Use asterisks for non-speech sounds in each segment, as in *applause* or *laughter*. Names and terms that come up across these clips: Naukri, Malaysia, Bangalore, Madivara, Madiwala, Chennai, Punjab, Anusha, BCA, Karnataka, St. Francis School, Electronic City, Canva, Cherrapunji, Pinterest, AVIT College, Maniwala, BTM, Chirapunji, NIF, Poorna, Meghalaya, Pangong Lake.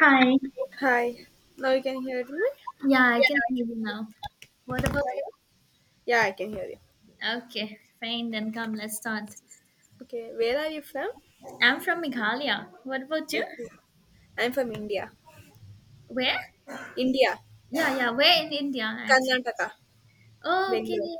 Hi. Hi. Now you can hear me? Yeah, I can hear you now. What about you? Yeah, I can hear you. Okay, fine. Then come, let's start. Okay, where are you from? I'm from Meghalaya. What about you? Okay. I'm from India. Where? India. Yeah, yeah. Where in India, actually? Karnataka. Oh, okay. Bangalore.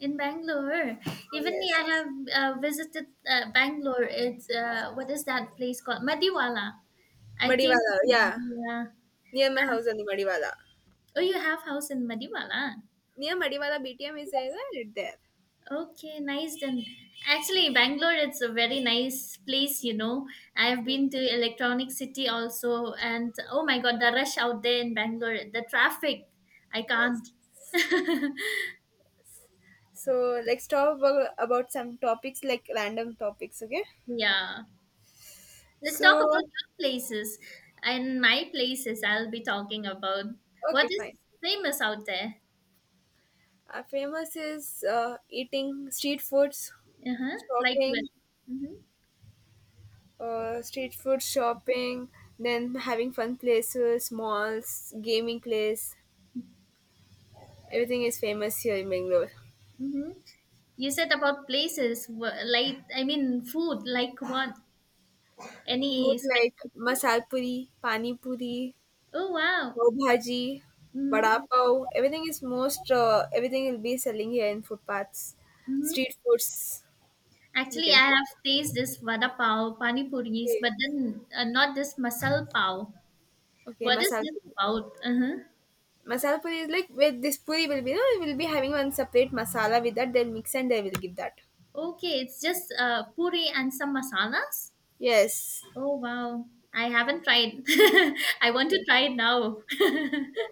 In Bangalore. Oh, Even me, yes. I have visited Bangalore. It's, what is that place called? Madiwala. I came. Madiwala, yeah. Yeah. Near my house only, Madiwala. Oh, you have house in Madiwala? Near Madiwala BTM is there, right there. Okay, nice then. Actually, Bangalore it's a very nice place, you know. I've Yes. been to Electronic City also and oh my god, the rush out there in Bangalore, the traffic. I Yes. can't. *laughs* So let's talk about some topics like random topics, okay? yeah. Let's talk So, about your places and my places I'll be talking about. What okay, is fine. famous out there? Famous is eating street foods, Uh-huh. Like what? shopping, Mm-hmm. Street food shopping, then having fun places, malls, gaming place. Everything is famous here in Bangalore. Mm-hmm. You said about places, like I mean food, like what? Food Any like specific. masal puri, pani puri, Oh wow. pav bhaji, Mm-hmm. vada pav. Everything is most. Everything will be selling here in footpaths, street Mm-hmm. foods. We Actually, can I say. have tasted this vada pav, pani puris, Okay, but then not this masal pav. okay What is masal this puri. about? Uh-huh. Masala puri is like where this puri will be. No, we will be having one separate masala with that. They'll mix and they will give that. Okay, it's just puri and some masalas. Yes. Oh wow, I haven't tried. *laughs* I want Okay. to try it now. Yeah. *laughs*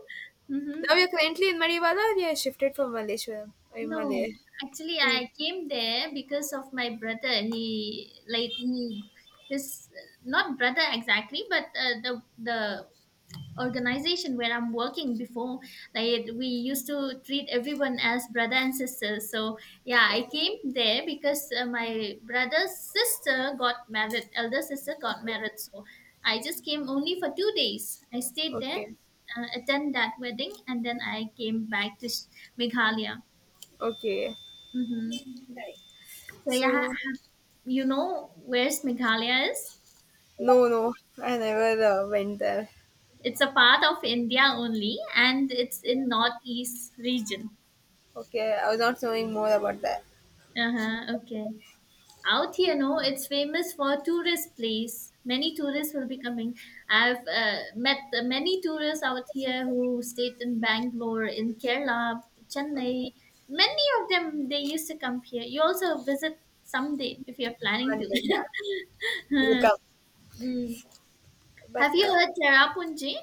mm-hmm. Now you're currently in Maniwala or you have shifted from Malaysia? In No, Malay. actually, Yes. I came there because of my brother. He like he his not brother exactly, but the organization where I'm working before, like we used to treat everyone as brother and sister. So yeah, I came there because my brother's sister got married, elder sister got married. So I just came only for 2 days. I stayed there, Okay. Attend that wedding, and then I came back to Meghalaya. Okay. Hmm So yeah, So, you know where's Meghalaya is? no, no, I never went there. It's a part of India only, and it's in northeast region. Okay, I was not knowing more about that. Uh-huh, okay. Out here, no, it's famous for tourist place. Many tourists will be coming. I've met the many tourists out here who stayed in Bangalore, in Kerala, Chennai. Many of them they used to come here. You also visit someday if you're planning One day, to. yeah, we'll *laughs* come. Mm. But Have you heard Cherrapunji?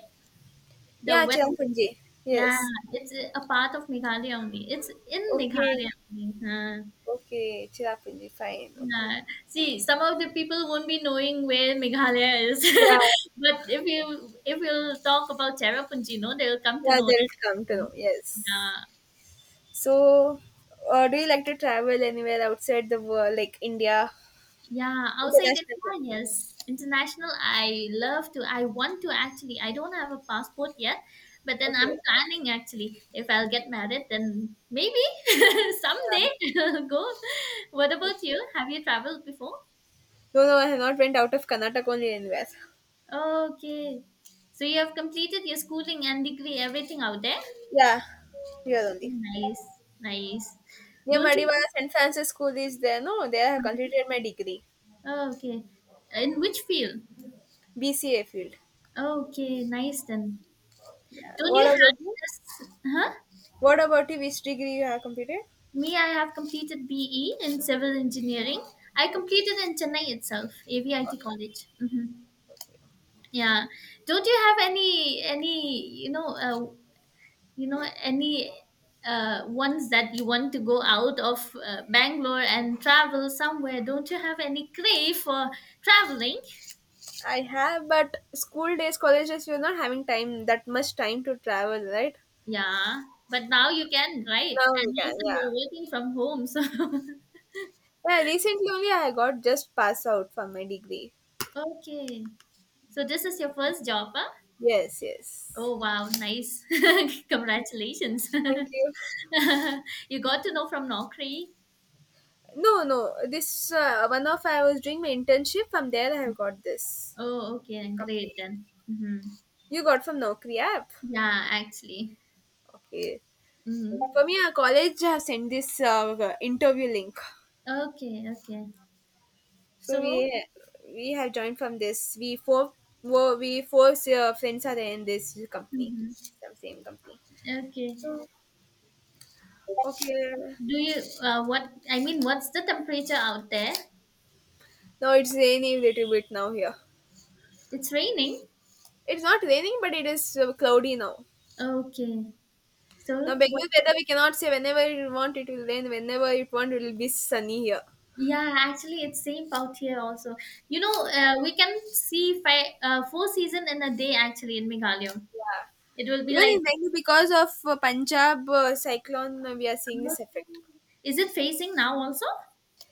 The yeah, wet. Chirapunji. Yeah, Yes. it's a part of Meghalaya only. It's in Okay. Meghalaya only. Huh. Okay, Chirapunji. Fine. Okay. Yeah. See, some of the people won't be knowing where Meghalaya is, Yeah. *laughs* but if you will talk about Cherrapunji, no, they'll come to Yeah, know. they'll come to know. Yes. Yeah, So, do you like to travel anywhere outside the world, like India? yeah. Outside India, International. yes, international. I love to. I want to actually. I don't have a passport yet, but then Okay. I'm planning actually. If I'll get married, then maybe *laughs* Yeah. someday *laughs* go. What Okay. about you? Have you traveled before? No, no, I have not went out of Karnataka only anywhere. Okay. So you have completed your schooling and degree, everything out there? Yeah, here only. Nice, nice. Near Don't Madivara, you? St. Francis School is there. No, there I have completed my degree. Oh, okay. In which field? BCA field. Okay, nice then. Yeah. Don't you What have about you? this? Huh? What about you? Which degree you have completed? Me, I have completed BE in civil engineering. I Okay. completed in Chennai itself, AVIT College. Hmm Yeah. Don't you have any you know any ones that you want to go out of Bangalore and travel somewhere? Don't you have any crave for traveling? I have, but school days, colleges, we're not having time, that much time to travel, right? Yeah, but now Yeah. you can, right? Now we And can, also yeah. you're working from home, so Yeah, recently only I got just pass out from my degree. *laughs* okay. So this is your first job, huh? Yes, yes. Oh wow, nice! *laughs* Congratulations. Thank you. *laughs* you got to know from Naukri. No, no. This one of I was doing my internship. From there, I have got this Oh, okay, great company. then. Hmm You got from Naukri app. Yeah, actually. Okay. For Hmm me, our college have sent this interview link. Okay, okay. So So we have joined from this. We four we four friends are in this company, hmm some same company. Okay. So okay. Do you what I mean? What's the temperature out there? Now it's raining little bit now here. It's raining. It's not raining, but it is cloudy now. Okay. So Now what? Bengal weather we cannot say whenever you want it will rain, whenever you want it will be sunny here. Yeah, actually, it's same out here also. You know, Yeah. we can see four season in a day actually in Meghalaya. Yeah. It will be Even like. in Bengal because of Punjab cyclone we are seeing this Okay. effect. Is it facing now also?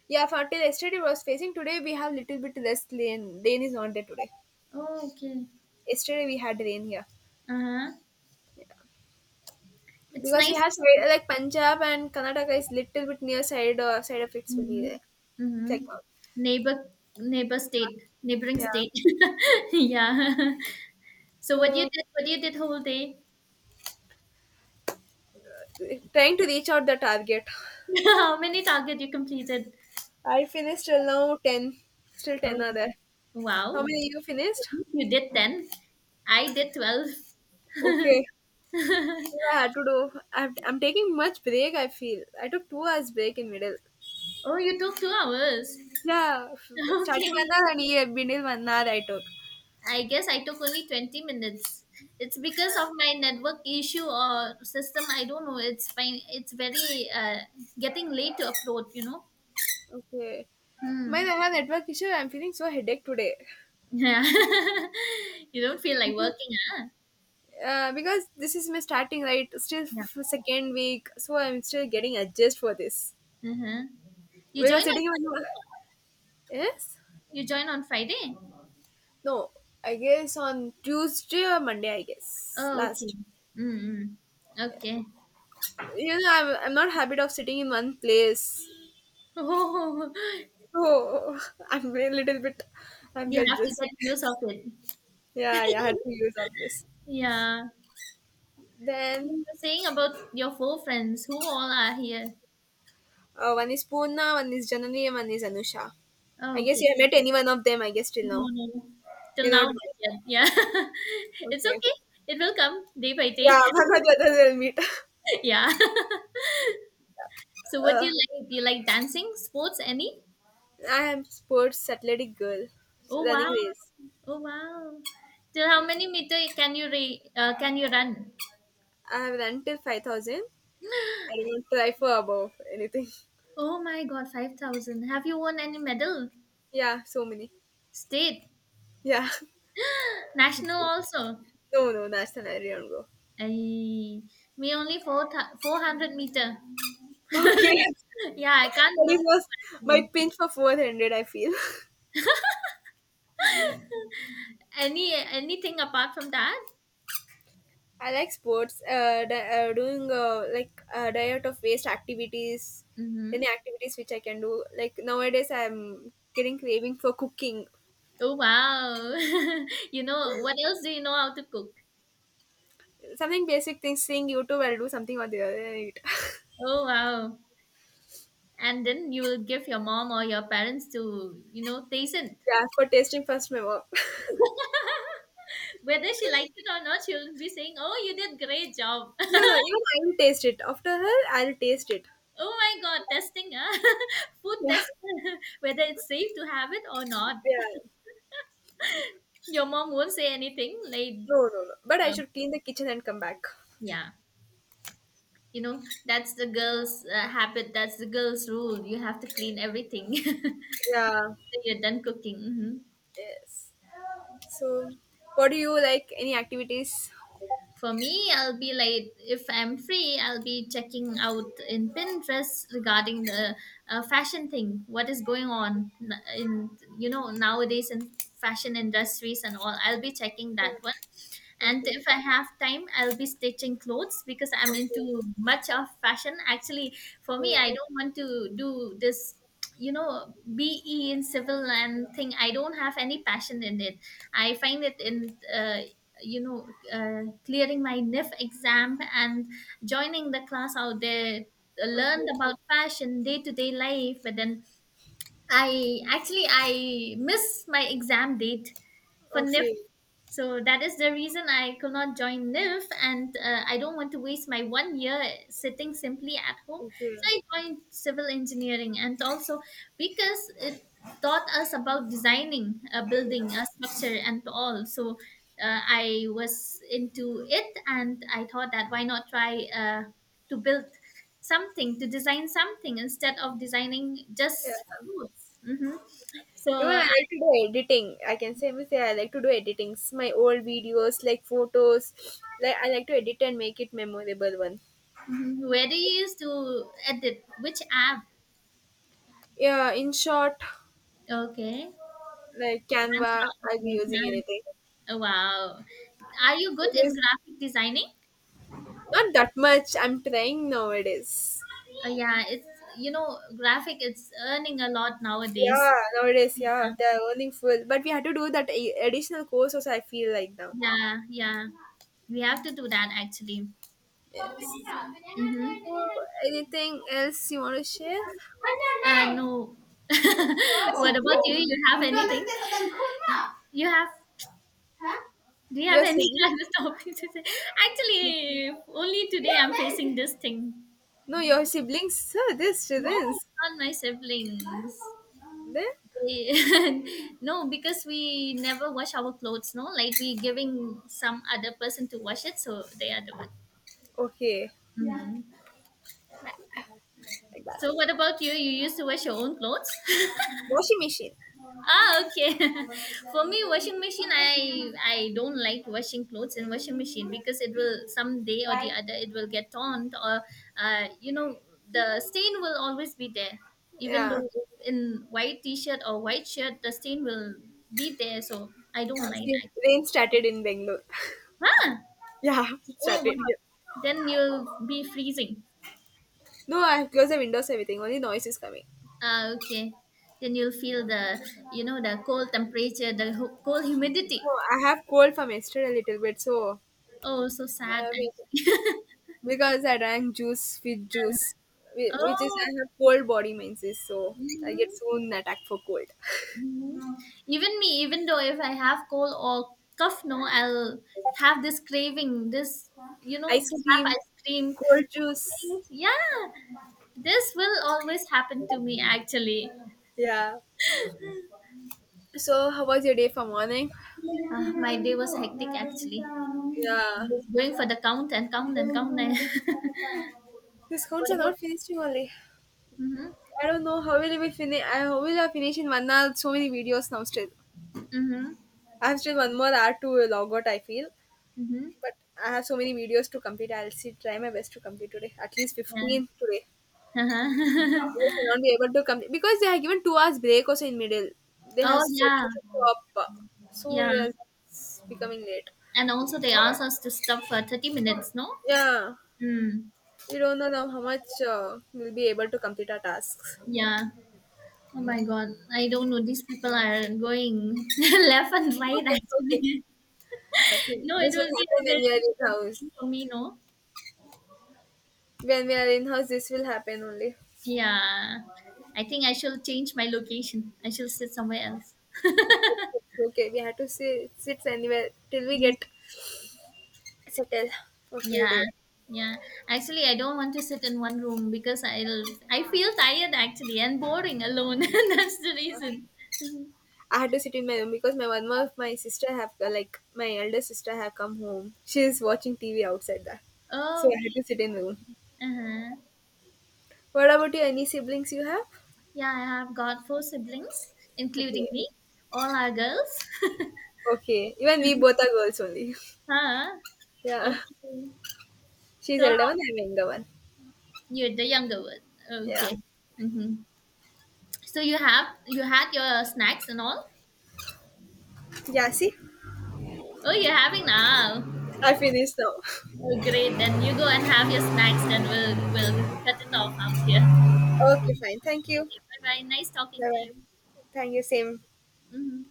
Yeah, for till yesterday it was facing today we have little bit less rain. Rain is not there today. Oh, okay. Yesterday we had rain here. Uh huh. It's Because we nice. have like Punjab and Karnataka is little bit near side side of its will be Mm-hmm. there. Mm-hmm. Check out. Neighbor, neighbor state, neighboring Yeah. state. *laughs* yeah. So So what you did whole day? trying to reach out the target. *laughs* How many target you completed? I finished till now ten. Still ten Oh, are there. How wow. many you finished? You did 10. I did 12. Okay. *laughs* Yeah, I had to do. I'm taking much break. I feel I took 2 hours break in middle. Oh, you took 2 hours. Yeah, *laughs* study Okay. 1 hour and here middle 1 hour I took. I guess I took only 20 minutes. It's because Yeah. of my network issue or system. I don't know. It's fine. It's very getting late to upload, you know? Okay. Man, Hmm. I have network issue. I'm feeling so headache today. Yeah. *laughs* you don't feel like Because- working, huh? Because this is my starting right, still Yeah. Second week, so I'm still getting adjust for this. Uh-huh. You join Because on sitting on Friday? yes, You join on Friday? no, I guess on Tuesday or Monday, I guess Oh, okay. last. Mm-mm. Okay. *laughs* You know, I'm not habit of sitting in one place. Oh, So *laughs* I'm a little bit you have to unconscious. get use of it. Yeah, yeah, I had to *laughs* use up this. Yeah. You Then were saying about your four friends. Who all are here? One is Poorna, one is Janani, and one is Anusha. I Oh, guess okay. you have met any one of them, I guess, till No, now. no, no. Till You're now, not not met. yet. Yeah. *laughs* it's Okay. okay. It will come day by day. Yeah, *laughs* one or the other will meet. *laughs* *laughs* yeah. *laughs* so, what do Uh, you like? Do you like dancing, sports, any? I am sports athletic girl, so Oh, running wow. race. Oh, wow. Till how Yeah. many meter can you run? I have run till 5,000. I don't try for above anything. Oh my God, 5,000. Have you won any medal? *laughs* Yeah, so many. State, Yeah. national also. *laughs* No, no, that's an I don't go. I, me only four th- 400 meter. *laughs* Okay, *laughs* yeah, I can't but it run was my actually. pinch for 400, I feel. *laughs* *laughs* Any anything apart from that? I like sports, doing like a diet of waste activities, Mm-hmm. any activities which I can do. Like nowadays, I'm getting craving for cooking. Oh wow! *laughs* you know what else do you know how to cook? Something basic things, seeing YouTube, I'll do something or the other and eat. *laughs* Oh wow! And then you will give your mom or your parents to you know taste it. Yeah, for tasting first, my mom. *laughs* *laughs* Whether she liked it or not, she will be saying, "Oh, you did great job." No, no, even I will taste it. After her, I'll taste it. *laughs* Oh my god, testing, ah, *laughs* food Yeah, test, *laughs* whether it's safe to have it or not. yeah. Your mom won't say anything. Like, No, no, no. But I uh, should clean the kitchen and come back. yeah, you know, that's the girl's habit. That's the girl's rule. You have to clean everything. *laughs* Then Yeah. You're done cooking. Hmm Yes. So, what do you like? Any activities? For me, I'll be like, if I'm free, I'll be checking out in Pinterest regarding the fashion thing. What is going on in, you know, nowadays in fashion industries and all. I'll be checking that Uh, one. And Okay. if I have time, I'll be stitching clothes because I'm Okay. into much of fashion. Actually, for me, Yeah. I don't want to do this, you know, BE in civil and thing. I don't have any passion in it. I find it in clearing my NIF exam and joining the class out there learned Okay. about fashion day to day life but then I actually I miss my exam date for NIF Okay. so that is the reason I could not join NIF, and I don't want to waste my 1 year sitting simply at home. Okay. So I joined civil engineering, and also because it taught us about designing a building, Yeah. a structure, and all. So I was into it, and I thought that why not try to build something, to design something instead of designing Yeah. just clothes. Hmm Even I so like to do editing. I can say, me say I like to do editings. My old videos, like photos, like I like to edit and make it memorable one. Mhm. Where do you use to edit? Which app? Yeah. In short, Okay. *laughs* like Hands Canva, I'll be using on. anything. Oh, wow. Are you It good in is graphic designing? not that much. I'm trying nowadays. Yeah, it's you know graphic. It's earning a lot nowadays. Yeah, nowadays, yeah, they are earning full, but we had to do that additional course. Also, I feel like now. Yeah, yeah. We have to do that actually. Yes. Mm-hmm. So, anything else you want to share? Your No. *laughs* what about you? siblings? You have anything? You have Huh? Do you have Your any *laughs* siblings? other topic to say? Actually, only today I'm facing this thing. No, your siblings. Sir, this No, siblings. not my siblings. They- Then *laughs* no, because we never wash our clothes, no? Like we giving some other person to wash it, so they are the one. okay, Yeah. Mhm. like that. So what about you? You used to wash your own clothes? *laughs* Washing machine. Ah, okay. *laughs* For me, washing machine, I don't like washing clothes in washing machine because it will someday or the other it will get torn or you know the stain will always be there. Even Yeah. though in white t-shirt or white shirt, the stain will be there. So I don't Yeah. like See, that. rain started in Bangalore. Huh? *laughs* Yeah, it Oh started here. wow. Then you'll be freezing. No, I have closed the windows. Everything. Only noise is coming. Ah, okay. Then you'll feel the you know the cold temperature, the cold humidity. No, I have cold from yesterday a little bit, so. Oh, so I sad. have here. Actually. Because I drank juice with juice, *laughs* which is Oh. I have cold body menses, so I get Mhm. soon attack for cold. Even me, even though if I have cold or cough, no, I'll have this craving, this, you *laughs* know, Ice to have cream, ice cream. Things. cold juice. Yeah, this will always happen to me actually. Yeah. So how was your day for morning? Ah, my day was hectic actually. I Yeah. was going for the count and *laughs* Discounts what are about? not finishing only. Mm-hmm, I don't know how will we finish. I how will I finish in 1 hour? So many videos now still. mm-hmm, I have still one more hour to log out. I feel, mm-hmm. but I have so many videos to complete. I'll see try my best to complete today. At least Yeah. 15 today. They *laughs* will not be able to come because they have given 2 hours break also in middle. They have oh, said yeah, us to stop, so yeah. yes, it's becoming late. And also, they asked us to stop for 30 minutes, no? Yeah, Mm, we don't know now how much we'll be able to complete our tasks. yeah. Oh my god, I don't know. These people are going *laughs* left and right Okay, it's okay. actually. Nothing. *laughs* no, it This will will be a happen when very we are in disturbing house. thing for me, no? When we are in house, this will happen only. Yeah. I think I shall change my location. I shall sit somewhere else. It's okay, we have to sit anywhere till we get settled for a few Yeah. days. Yeah. Actually I don't want to sit in one room because I feel tired actually and boring alone. *laughs* That's the reason. *laughs* I had to sit in my room because my one of my sister have like my elder sister have come home. She is watching TV outside that, so Oh, I had okay. to sit in the room. Uh-huh. What about you? Any siblings you have? Yeah, I have got four siblings, including Okay, me. All are girls. okay. Even we both are girls only. *laughs* *laughs* Huh? Yeah, Okay. she's So elder how- one. I'm younger one. you're the younger one. Yeah, Okay. Mm-hmm. So you had your snacks and all. yeah. See, Oh, you're having now. I finished now. *laughs* Oh, great. Then you go and have your snacks. Then we'll cut it off out here. Okay, fine. Thank you. Okay, bye bye. Nice talking Bye to bye. you. Thank you. Same. Mm-hmm.